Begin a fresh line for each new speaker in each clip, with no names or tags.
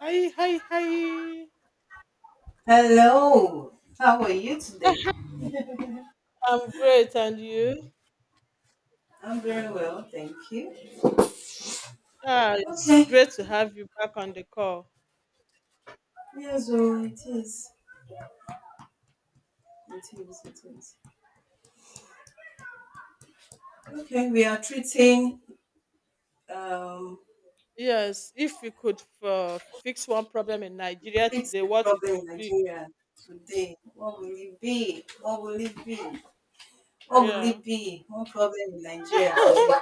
Hi, hi, hi.
Hello, how are you today?
I'm great, and you?
I'm very well, thank you.
Ah, it's
Okay,
great to have you back on the call.
yes, oh, it is. It is, it is. Okay, we are treating um,
Yes, if you could fix one problem in Nigeria
fix
today,
the
what it
problem in
would be?
Nigeria today. What will it be? What will it be?
Yeah.
One problem in Nigeria today.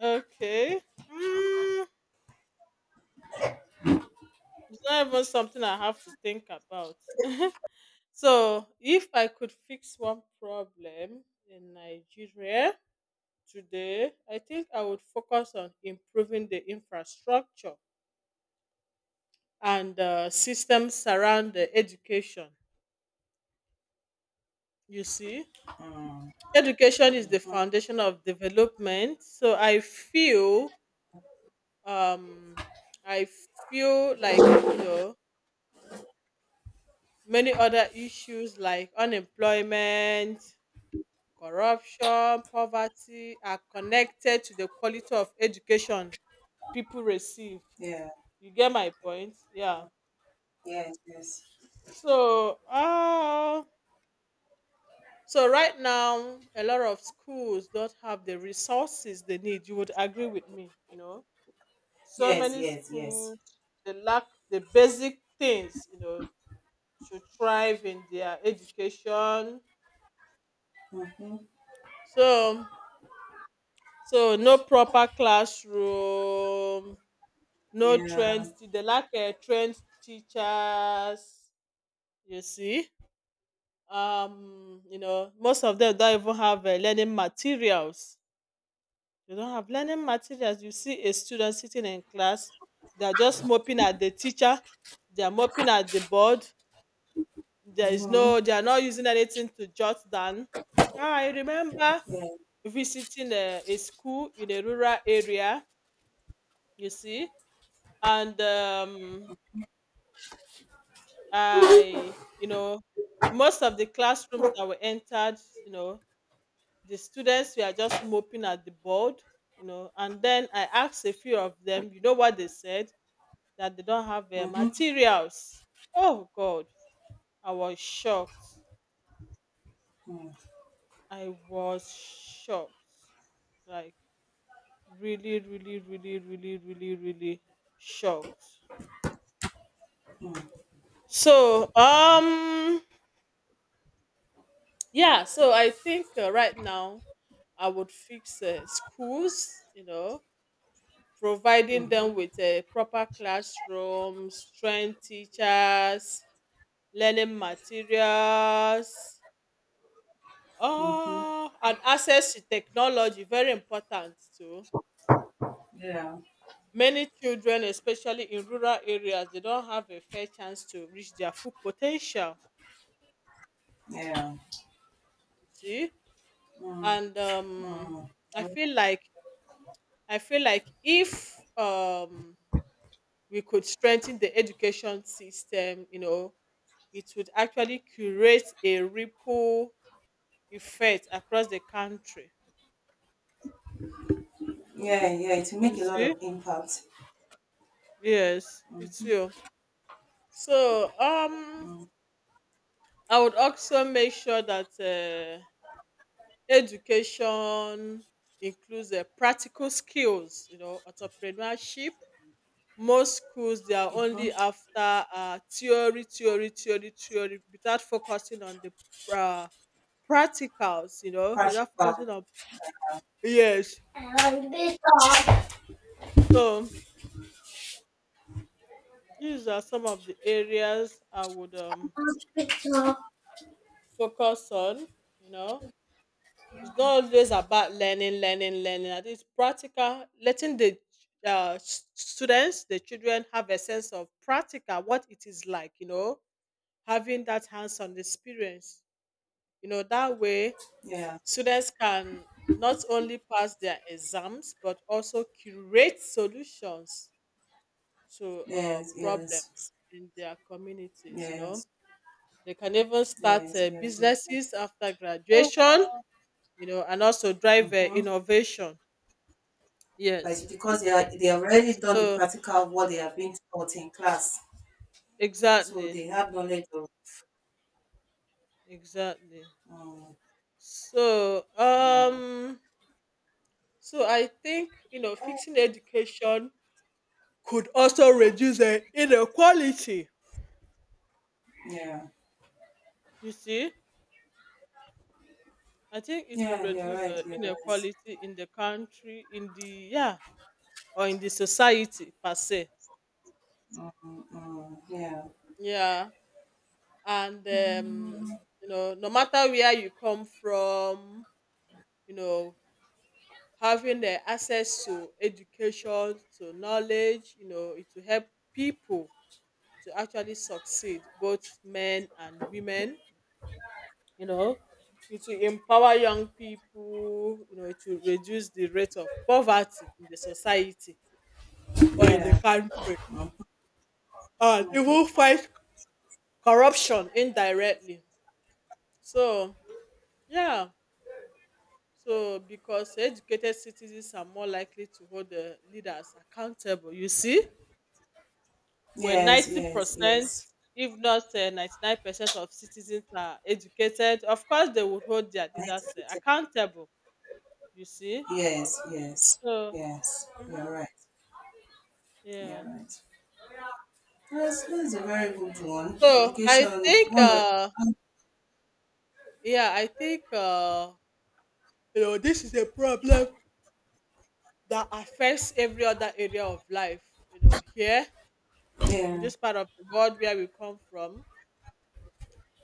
Okay. Mm, it's not even something I have to think about. So, if I could fix one problem in Nigeria today, I think I would focus on improving the infrastructure and systems around the education. You see, education is the
Mhm.
foundation of development. So I feel, um, I feel like many other issues like unemployment, corruption, poverty are connected to the quality of education people receive.
Yeah,
You get my point? Yeah.
yes, yes,
So, uh, So right now, a lot of schools don't have the resources they need. You would agree with me, you know. So
yes,
many
yes, yes.
schools they lack the basic things, you know, to thrive in their education.
Mm-hmm.
So so no proper classroom, no
Yeah.
trained stu- they lack a trained teachers, you see. Most of them don't even have learning materials. They don't have learning materials. You see a student sitting in class, they're just moping at the teacher, they're moping at the board. There is
Mm-hmm.
no, they are not using anything to jot down. Ah, I remember
Yeah.
visiting a school in a rural area, you see, and I, you know, most of the classrooms that were entered, you know, the students were just moping at the board, you know, and then I asked a few of them, you know what they said? That they don't have
Mm-hmm.
materials. Oh God, I was shocked.
Mm-hmm.
I was shocked. Like really, really, really, really, really, really shocked. So yeah, so I think right now I would fix schools. You know, providing them
Mm-hmm.
with a proper classrooms, trained teachers, learning materials.
Mm-hmm.
Oh, and access to technology very important too.
Yeah.
Many children, especially in rural areas, they don't have a fair chance to reach their full potential.
Yeah.
You see,
Mm,
and
mm.
I feel like I feel like if we could strengthen the education system, you know, it would actually create a ripple effect across the country.
Yeah, yeah, it will
You
make a lot
see,
of impact.
yes, it's real. So, I would also make sure that education includes practical skills, you know, entrepreneurship. Most schools, they are
Mm-hmm.
only after theory, theory, theory, theory, without focusing on the uh, practicals, you know,
Crash
without
back.
focusing on. Yes.
Hospital,
So these are some of the areas I would
hospital.
focus on, you know. It's not always about learning, learning, learning. I think it's practical, letting the students, the children, have a sense of practical what it is like, you know, having that hands on experience. You know, that way
Yeah.
students can not only pass their exams, but also curate solutions to
Yes,
problems in their communities. You know,
yes,
they can even start
yes, yes, yes.
businesses after graduation, you know, and also drive
Mm-hmm.
innovation.
Like
Yes.
because they already done the
So
practical what they have been taught in class, so
exactly,
they have knowledge of.
exactly.
Um,
So
yeah,
um, so I think you know fixing education could also reduce the inequality.
yeah,
You see, I think it would
yeah. You're
reduce
right.
the
You're right.
inequality in the country, in the yeah, or in the society per se.
Yeah.
Yeah, and
Mm,
you know, no matter where you come from, you know, having the access to education to knowledge you know it will help people to actually succeed, both men and women, you know, it will empower young people, you know, it will reduce the rate of poverty in the society or in the
yeah.
country and even fight corruption indirectly. So yeah, so because educated citizens are more likely to hold the leaders accountable, you see, where
Yes.
90%, if not 99% of citizens are educated, of course they would hold their leaders
I
accountable, you see?
yes, yes,
So,
yes.
mhm,
You're right.
yeah.
You're right. That's a very good one.
So, I
Education,
think,
one of
uh, yeah, I think, you know, this is a problem that affects every other area of life, you know, here in
yeah.
this part of the world where we come from.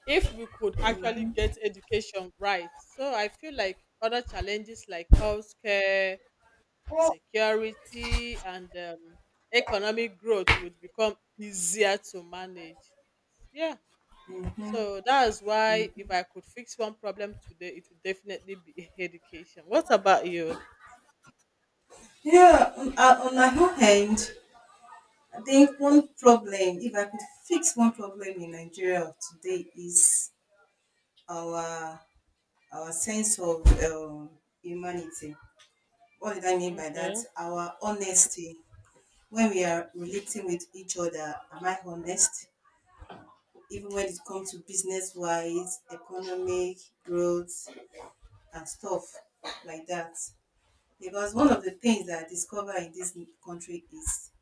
If we could actually get education right. So, I feel like other challenges like healthcare, security and economic growth would become easier to manage. Yeah.
Yeah,
So that's why if
mhm.
I could fix one problem today, it would definitely be education. What about you?
Yeah, on my own hand, I think one problem, if I could fix one problem in Nigeria of today, is our our sense of humanity. What did I mean by that?
Okay.
Our honesty. When we are relating with each other, am I honest? Even when it comes to business wise, economic growth, and stuff like that. Because one of the things that I discover in this country is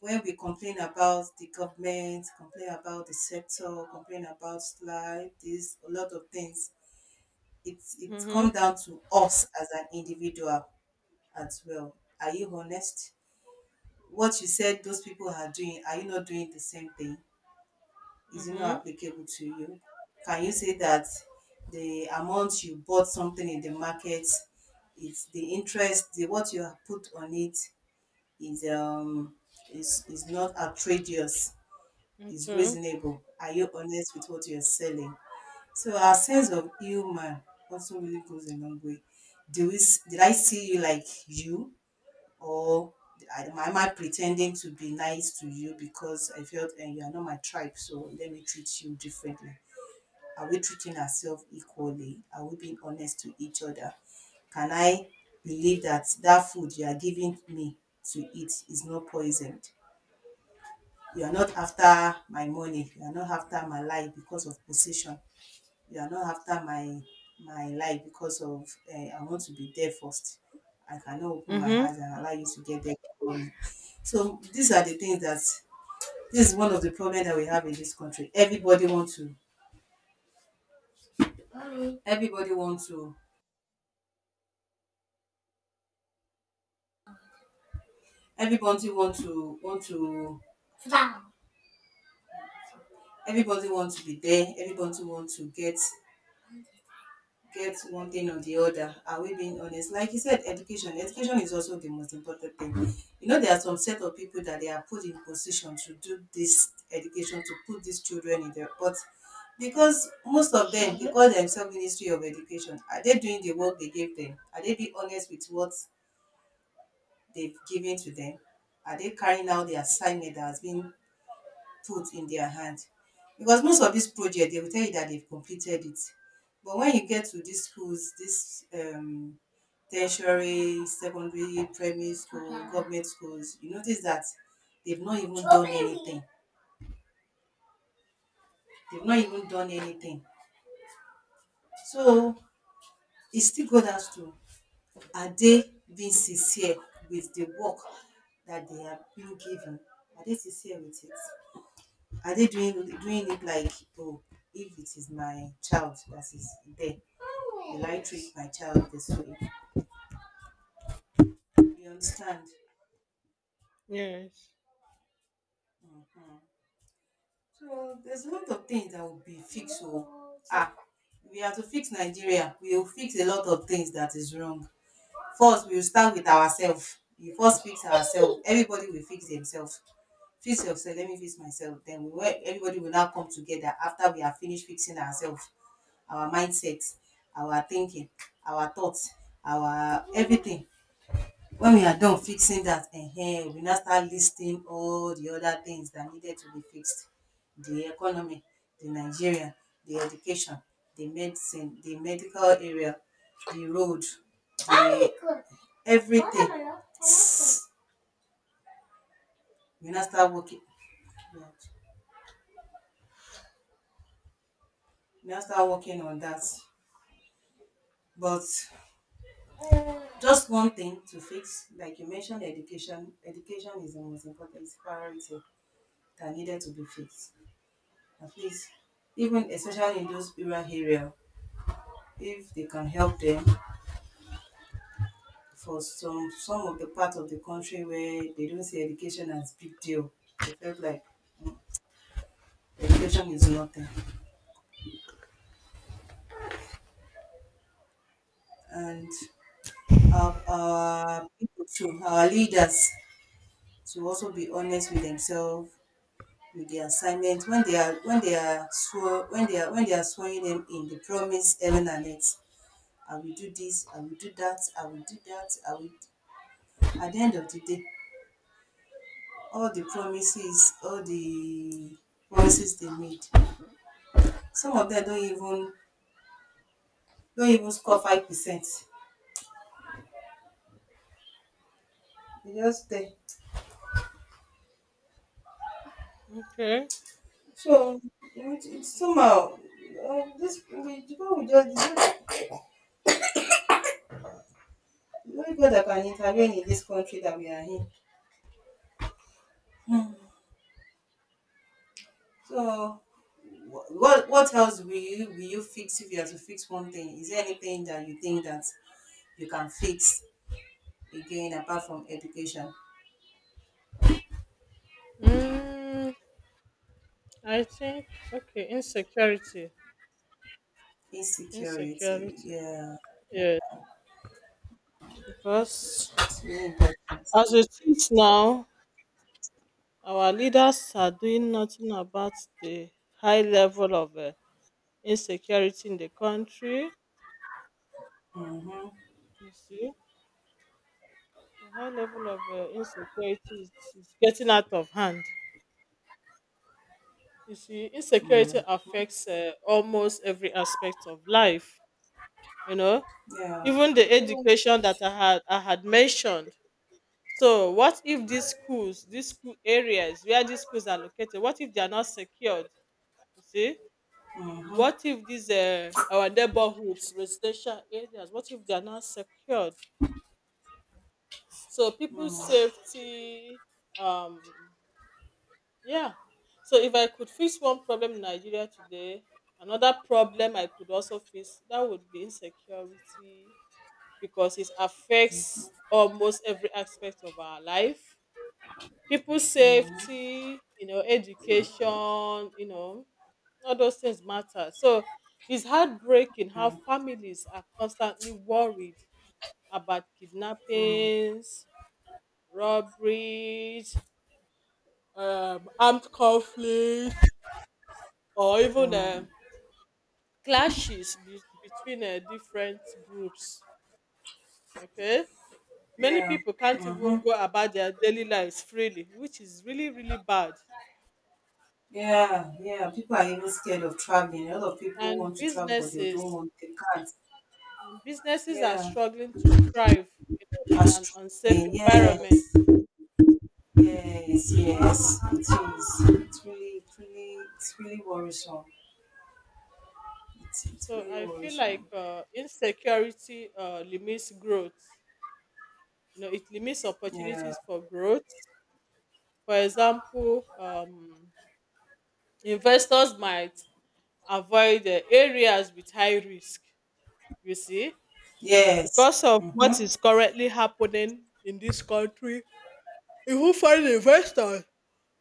when we complain about the government, complain about the sector, complain about life, this a lot of things, it
Mm-hmm.
comes down to us as an individual as well. Are you honest? What you said those people are doing, are you not doing the same thing? Is not
Mm-hmm.
applicable to you? Can you say that the amount you bought something in the market, it's the interest, the what you have put on it is is not outrageous, is
Okay.
reasonable. Are you honest with what you're selling? So our sense of humor also really goes a long way. Do we, did I see you like you, or am I pretending to be nice to you because I felt and you are not my tribe, so let me treat you differently? Are we treating ourselves equally? Are we being honest to each other? Can I believe that food you are giving me to eat is not poisoned? You are not after my money. You are not after my life because of position. You are not after my life because of I want to be there first. I cannot open my
Mm-hmm.
eyes and allow you to get there before me. So these are the things that this is one of the problems that we have in this country. Everybody wants to everybody wants to Everybody want to Wow. Everybody want to be there. Everybody want to get one thing or the other. Are we being honest? Like you said, education. Education is also the most important thing. You know, there are some set of people that they are put in position to do this education, to put these children in there. But because most of them, they call themselves Ministry of Education. Are they doing the work they gave them? Are they being honest with what they've given to them? Are they carrying out the assignment that has been put in their hand. Because most of these project they will tell you that they've completed it. But when you get to these schools, this tertiary, secondary, primary school, government schools, you notice that they've not even done anything. They've not even done anything. So it still goes down to are they being sincere with the work that they have been given? Are they sincere with it? Are they doing it like oh, if it is my child that is there, will I treat my child this way? You understand?
Yes.
So there's a lot of things that will be fixed. So ah, we have to fix Nigeria. We will fix a lot of things that is wrong. First, we will start with ourselves. We first fix ourselves. Everybody will fix themselves. Fix yourself, let me fix myself. Then we will, everybody will now come together after we have finished fixing ourselves, our mindset, our thinking, our thoughts, our everything when we are done fixing that, eh? We now start listing all the other things that needed to be fixed, the economy, the Nigeria, the education, the medicine, the medical area, the road, the everything. We now start working, we now start working on that, but just one thing to fix like you mentioned, education. Education is the most important, it's priority that needed to be fixed, at least, even especially in those rural area. If they can help them for some of the part of the country where they don't see education as big deal, they felt like education is nothing. And our people too, our leaders, to also be honest with themselves, with their assignment, when they are swear when they are swearing them in, the promise heaven and earth, I will do this, I will do that I will. At the end of the day, all the promises, all the promises they made. Some of them don't even score 5%. They just there.
Okay.
So it somehow, this we people will just the only God that can intervene in this country that we are in. So what else will you fix if you have to fix one thing? Is there anything that you think that you can fix again apart from education?
Mm, I think okay, insecurity.
Insecurity,
Insecurity.
yeah,
Yeah. Because
it's really important.
as it is now, our leaders are doing nothing about the high level of insecurity in the country.
Mm-hmm.
You see, the high level of insecurity is getting out of hand. You see, insecurity affects almost every aspect of life, you know,
Yeah.
even the
Mm-hmm.
education that I had mentioned. So, what if these schools, these school areas where these schools are located, what if they are not secured? You see, what if these our neighborhoods, residential areas, what if they are not secured? So people's safety, um, yeah. So if I could fix one problem in Nigeria today, another problem I could also fix that would be insecurity, because it affects almost every aspect of our life, people's safety, you know, education, you know, all those things matter. So it's heartbreaking how
Yeah.
families are constantly worried about kidnappings, robberies, armed conflicts, or even
Mm-hmm.
between different groups. Okay? Many
Yeah.
people can't
Mm-hmm.
even go about their daily lives freely, which is really, really bad.
Yeah. Yeah. People are even scared of traveling. A lot of people
And
want to travel, but they don't
businesses
want. They can't.
And businesses are
Yeah.
struggling to thrive, you know, in an unsafe
Astroplane. Yes.
environment.
Yes. It is. It's really, it's really worrisome. It's
So
really
I feel like
worrisome.
insecurity limits growth. You know, it limits
Yeah.
opportunities for growth. For example, investors might avoid areas with high risk. You see,
Yes.
because of what
Mm-hmm.
is currently happening in this country, even foreign investors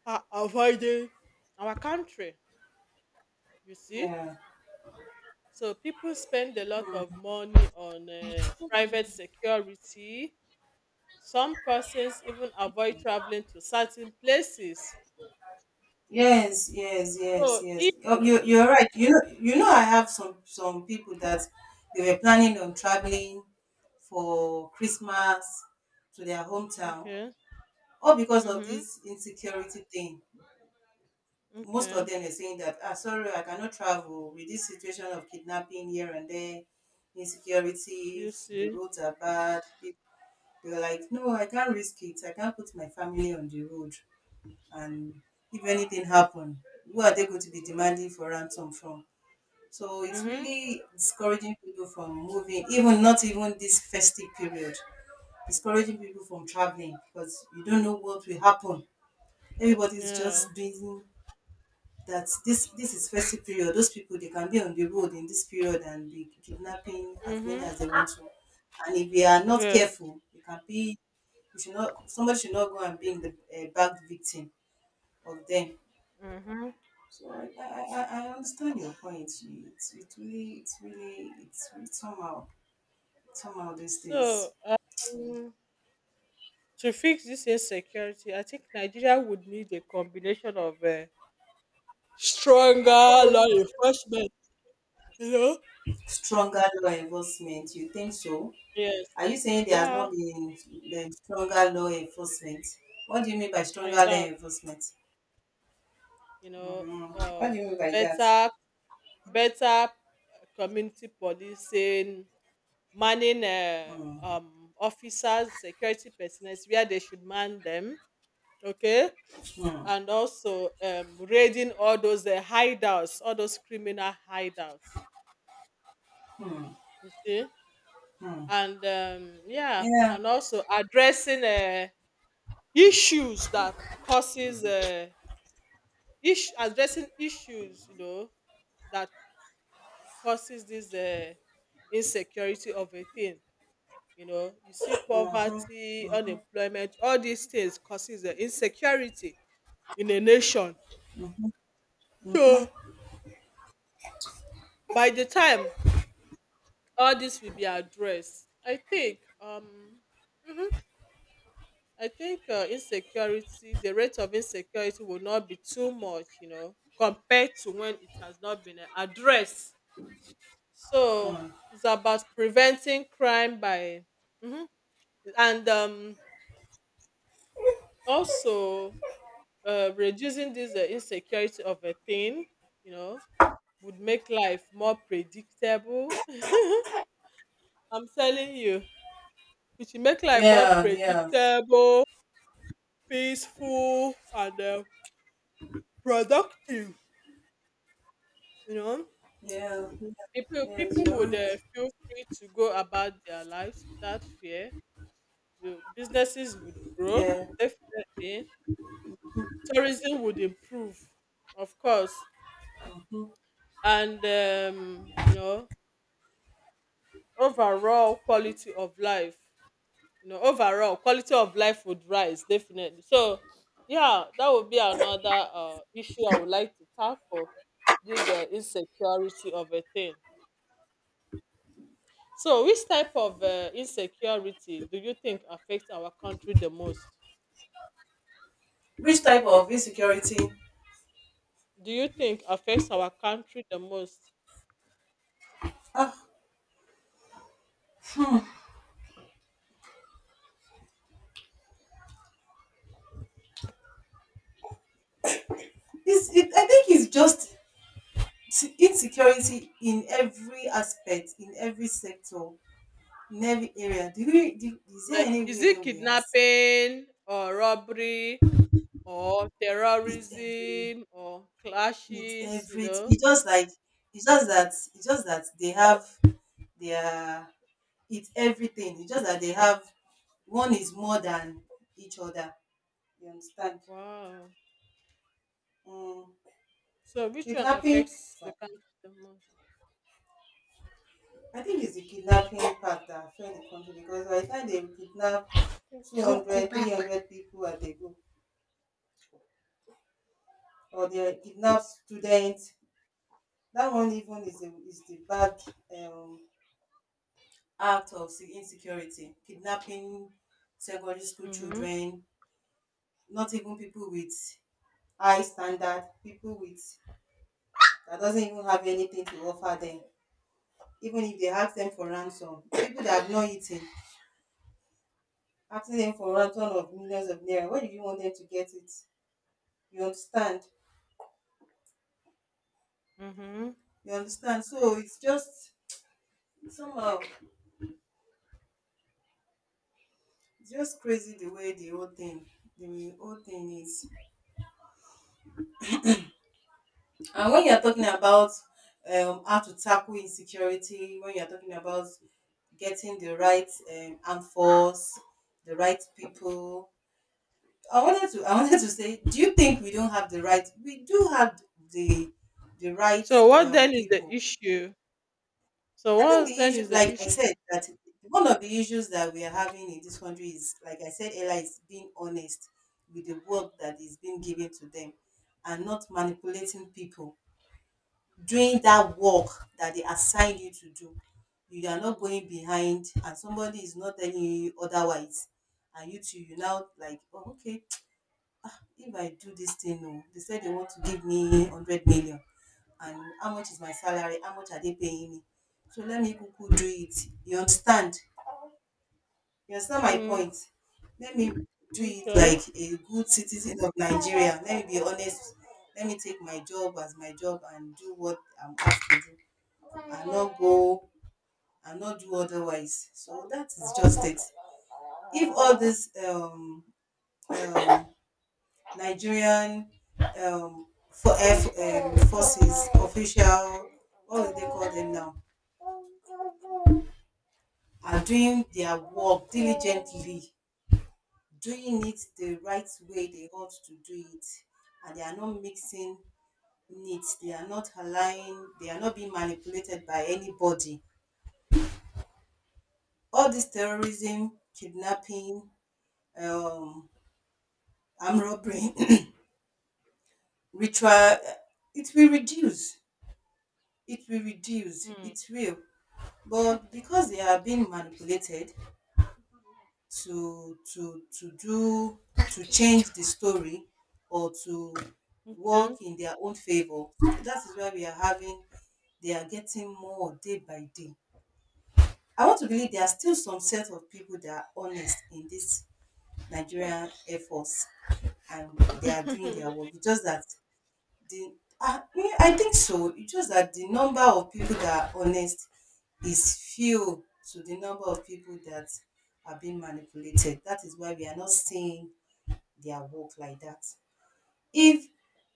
are avoiding our country. You see.
Yeah.
So people spend a lot of money on private security. Some persons even avoid traveling to certain places.
Yes, yes, yes,
So
yes.
if
Oh, you're right. You know, I have some people that they were planning on traveling for Christmas to their hometown,
okay,
all because of
mhm,
this insecurity thing. Most of
okay,
them are saying that, ah, sorry, I cannot travel with this situation of kidnapping here and there,
you
insecurities, the
see,
roads are bad. They were like, no, I can't risk it. I can't put my family on the road, and if anything happen, who are they going to be demanding for ransom from? So it's
mhm,
really discouraging people from moving, even not even this festive period, discouraging people from traveling because you don't know what will happen. Everybody's just
yeah,
doing that this is festive period, those people they can be on the road in this period and be kidnapping as many
mhm,
as they want to. And if they are not
yes,
careful, they can be, you should not, somebody should not go and be in the back victim of them.
mhm.
So I understand your point. It's, it's really somehow, somehow these
So
days.
to fix this insecurity, I think Nigeria would need a combination of stronger law enforcement. You know?
Stronger law enforcement. You think so?
Yes.
Are you saying there has
Yeah,
not been the stronger law enforcement? What do you mean by
I
stronger law
doubt.
enforcement?
You know,
Mm, what
uh,
do you mean by that?
better better community policing, manning
Mm,
officers, security personnel where they should man them, okay,
mm,
and also raiding all those hideouts, all those criminal hideouts,
mm,
you see,
mm.
and yeah,
Yeah.
and also addressing issues that causes addressing issues, you know, that causes this insecurity of a thing, you know, you see,
Mm-hmm,
poverty,
mm-hmm,
unemployment, all these things causes the insecurity in a nation. So
mm-hmm.
by the time all this will be addressed, I think mhm, I think insecurity, the rate of insecurity will not be too much, you know, compared to when it has not been addressed. So
Mm-hmm.
it's about preventing crime by mhm, and also, reducing this insecurity of a thing, you know, would make life more predictable. I'm telling you, it should make life more
Yeah, yeah,
predictable, peaceful, and productive. You know,
yeah, yeah.
people
Yes,
people
you're
would
right.
feel free to go about their lives without fear. The businesses would grow,
Yeah.
definitely. Tourism would improve, of course,
Mm-hmm.
and you know, overall quality of life, you know, overall quality of life would rise, definitely. So, yeah, that would be another issue I would like to tackle, this insecurity of a thing. So, which type of insecurity do you think affects our country the most?
Which type of insecurity?
Do you think affects our country the most?
Uh, it, I think it's just insecurity in every aspect, in every sector, in every area. Do we, do, is there
Like, is it
anywhere we are?
kidnapping or robbery or
It's everywhere.
terrorism or
It's
clashes? You
every.
know?
It's just like it's just that they have their. It's everything. It's just that they have one is more than each other. You understand?
Wow.
Mm.
So which one
Kidnapping.
affects the country the most?
I think it's the kidnapping part that affect the country because by the time they kidnap 200, 300 people at a go, or they kidnap students, that one even is is the bad um, act of insecurity. Kidnapping secondary school
Mm-hmm.
children, not even people with high standard, people with that doesn't even have anything to offer them. Even if they ask them for ransom, people that have not eaten, asking them for ransom of millions of naira, where do you want them to get it? You understand?
Mm-hmm.
So it's just somehow it's just crazy the way the whole thing is. And when you're talking about how to tackle insecurity, when you're talking about getting the right armed force, the right people. I wanted to say, do you think we don't have the right we do have the the right
So what then is the
people.
issue? So
I think the
what then is
issue,
the
like I
issue?
said, that one of the issues that we are having in this country is, like I said earlier, is being honest with the work that is being given to them and not manipulating people. Doing that work that they assign you to do, you are not going behind, and somebody is not telling you otherwise. And you too, you now like, oh, okay, if I do this thing, oh, they said they want to give me 100 million. And how much is my salary? How much are they paying me? So let me kuku do it. You understand? You understand my
Mm,
point? Let me do it
okay.
like a good citizen of Nigeria. Let me be honest. Let me take my job as my job and do what I'm asked to do, and not go and not do otherwise. So that is just it. If all this um, Nigerian for eh, F forces official, what do they call them now, are doing their work diligently, doing it the right way they ought to do it, and they are not mixing needs, they are not allowing, they are not being manipulated by anybody. All this terrorism, kidnapping, um, armed robbery, ritual, it will reduce. It will reduce.
Mm,
It will. But because they are being manipulated, to to to do to change the story, or to work
okay.
in their own favor. That is why we are having, they are getting more day by day. I want to believe there are still some set of people that are honest in this Nigerian Air Force and they are doing their work. It's just that the me, I think so. It's just that the number of people that are honest is few to the number of people that are being manipulated. That is why we are not seeing their work like that. If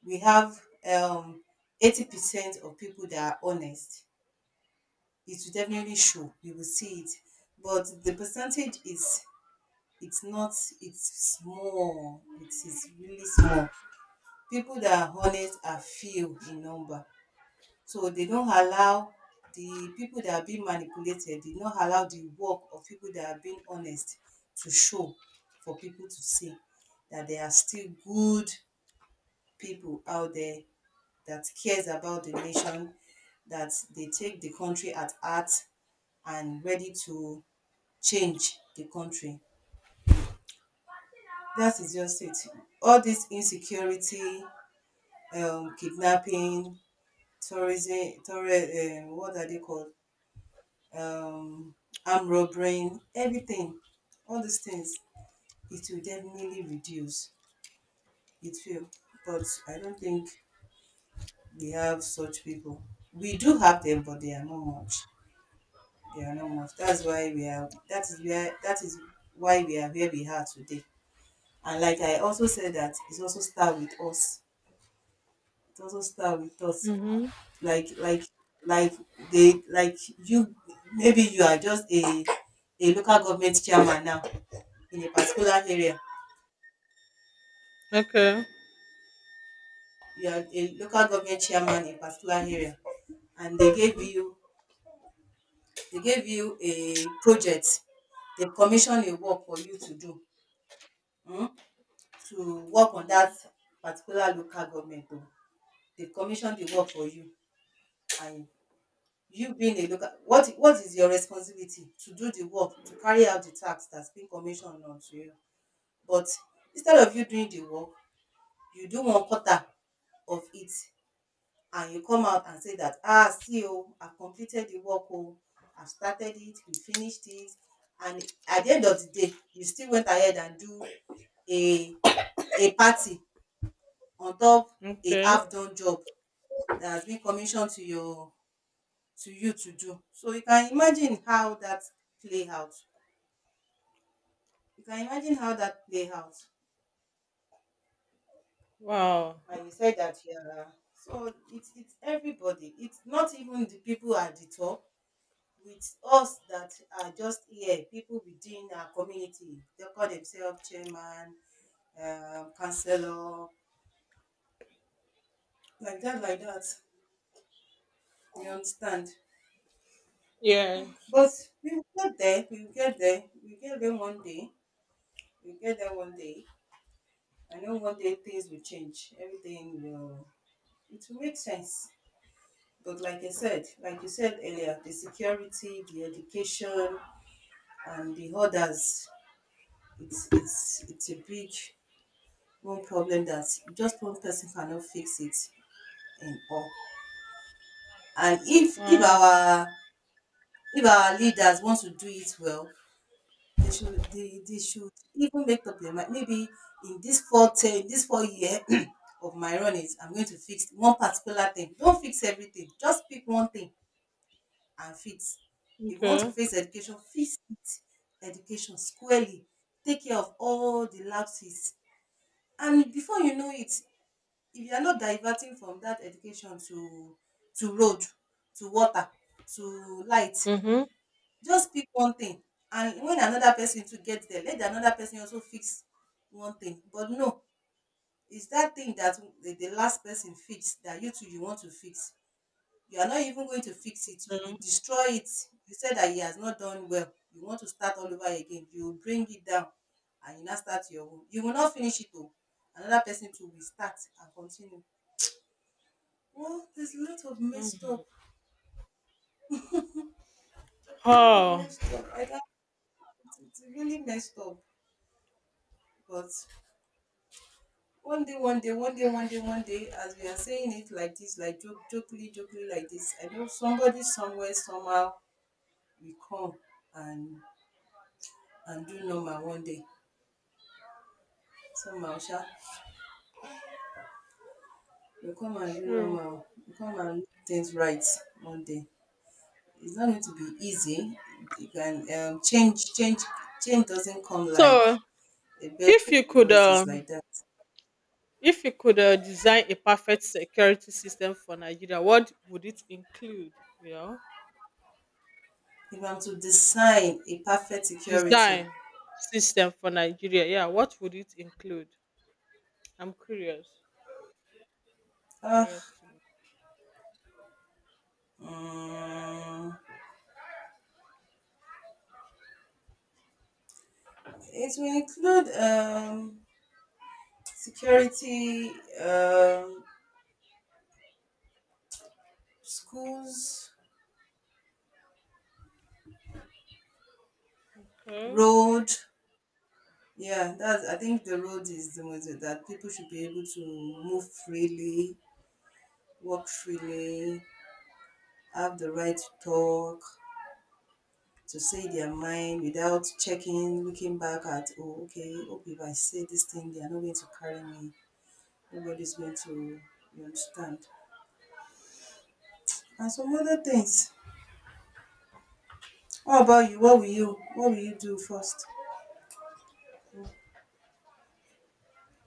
we have um, 80% of people that are honest, it will definitely show. You will see it. But the percentage is, it's not, it's small. It is really small. People that are honest are few in number. So they don't allow the people that are being manipulated, they don't allow the work of people that are being honest to show, for people to see that there are still good people out there that cares about the nation, that they take the country at heart and ready to change the country. That is just it. All this insecurity, kidnapping, tourist, what are they called, um, arm robbering, everything, all these things, it will definitely reduce. It will. But I don't think we have such people. We do have them, but they are not much. They are not much. That's why we are. That is where. That is why we are where we are today. And like I also said, that it also start with us. It also start with us.
mm-hmm.
like like like they like you, maybe you are just a local government chairman now in a particular area.
Okay.
You are a local government chairman in a particular area and they gave you a project. They commission a work for you to do, um to work on that particular local government o. They commission the work for you, and you being a local, what is your responsibility? To do the work, to carry out the task that's been commissioned unto you. But instead of you doing the work, you do one quarter of it and you come out and say that, ah, see, oh, I've completed the work, oh, I've started it, we finished it. And at the end of the day, you still went ahead and do a a party on top, a
Okay.
half done job that has been commissioned to your, to you to do. So you can imagine how that play out. You can imagine how that play out.
Wow.
And you said that you are, so it's everybody, it's not even the people at the top. It's us that are just here, people within our community. They call themselves chairman, councillor, like that, like that, you understand?
Yes.
But we will get there, we will get there, we will get there one day. We will get there one day. I know one day things will change. Everything will, it will make sense. But like I said, like you said earlier, the security, the education, and the others, it's a big one problem that just one person cannot fix it in all. And if
Wow.
our, if our leaders want to do it well, they should even make up their mind, maybe in this four ten this 4-year of my run is, I'm going to fix one particular thing. Don't fix everything, just pick one thing and fix. If you want to
Okay.
fix education, fix it. Education squarely, take care of all the lapses. And before you know it, if you are not diverting from that education to road, to water, to light,
Mm-hmm.
just pick one thing. And when another person to get there, let another person also fix one thing. But no, it's that thing that the last person fix that you too you want to fix. You are not even going to fix it. You will
Yeah.
destroy it. You said that he has not done well. You want to start all over again. You will bring it down and you now start your own. You will not finish it though. Another person too will start and continue. Well, there's a lot of messed
Mm.
up. A lot of
Oh,
messed up. I can't, it's really messed up. But one day, one day, one day, one day, one day, as we are saying it like this, like jokingly like this, I know somebody somewhere, somehow will come and do normal one day. Somehow, sha. You come and do
sure.
normal. You come and do things right one day. It's not going to be easy. You can change doesn't come like
So
a bed
if
of
you could
roses
um
like that.
if you could design a perfect security system for Nigeria, what would it include? You know?
If I'm to design a perfect security,
Design system for Nigeria. Yeah, what would it include? I'm curious.
uh,
Curious to
mm, it will include security, um, schools,
know. Okay.
road. Yeah, that's. I think the road is the most, that people should be able to move freely, work freely, have the right to talk, to say their mind without checking, looking back at, oh, okay, hope if I say this thing, they are not going to carry me. Nobody's going to, you understand. And some other things. What about you? What will
Hmm.
you? What will you do first?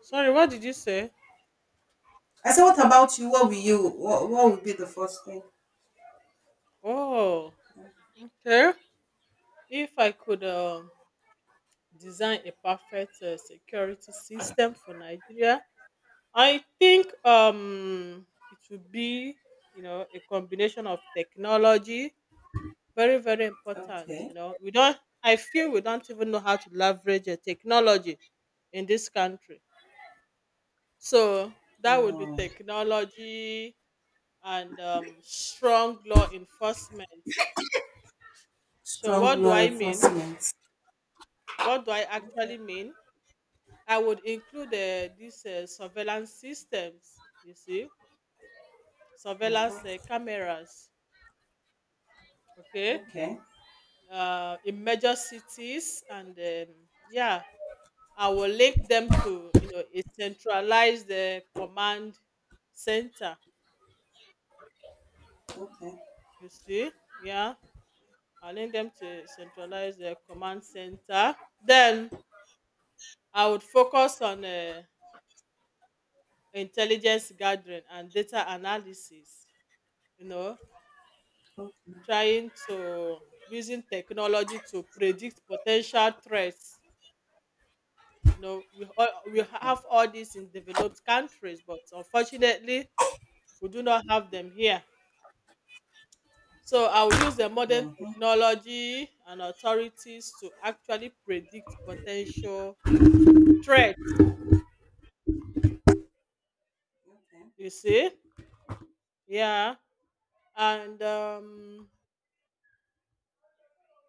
Sorry, what did you say?
I said, what about you? What will you? What would be the first thing?
Oh, okay. If I could design a perfect security system for Nigeria, I think it would be, you know, a combination of technology, very, very important.
Okay.
You know, we don't. I feel we don't even know how to leverage technology in this country. So that would be
Mm.
technology and strong law enforcement. So
Strong
what do
law
I mean?
enforcement.
What do I
Okay.
actually mean? I would include these surveillance systems. You see, surveillance
Mm-hmm.
cameras. Okay,
Okay.
in major cities, and yeah, I will link them to you know a centralized command center.
Okay.
You see, yeah, I need them to centralize the command center. Then I would focus on intelligence gathering and data analysis. You know,
Okay.
trying to using technology to predict potential threats. You know, we
Okay.
have all this in developed countries, but unfortunately, we do not have them here. So I will use the modern
Mm-hmm.
technology and authorities to actually predict potential threats.
Okay,
You see, yeah. And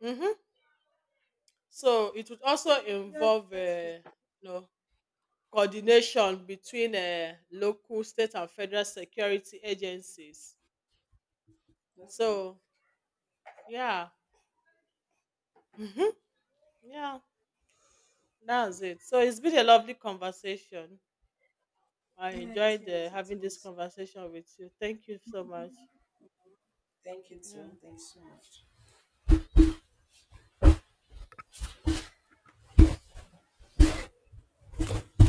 mhm. so it would also
Okay, yes,
involve
that's good.
you know coordination between local state and federal security agencies.
Okay.
So yeah, mhm, yeah, that's it. So it's been a lovely conversation. I
Yeah, it
enjoyed
is.
having
It
this
is.
conversation with you, thank you so much.
Thank you too.
Yeah.
Thanks so much.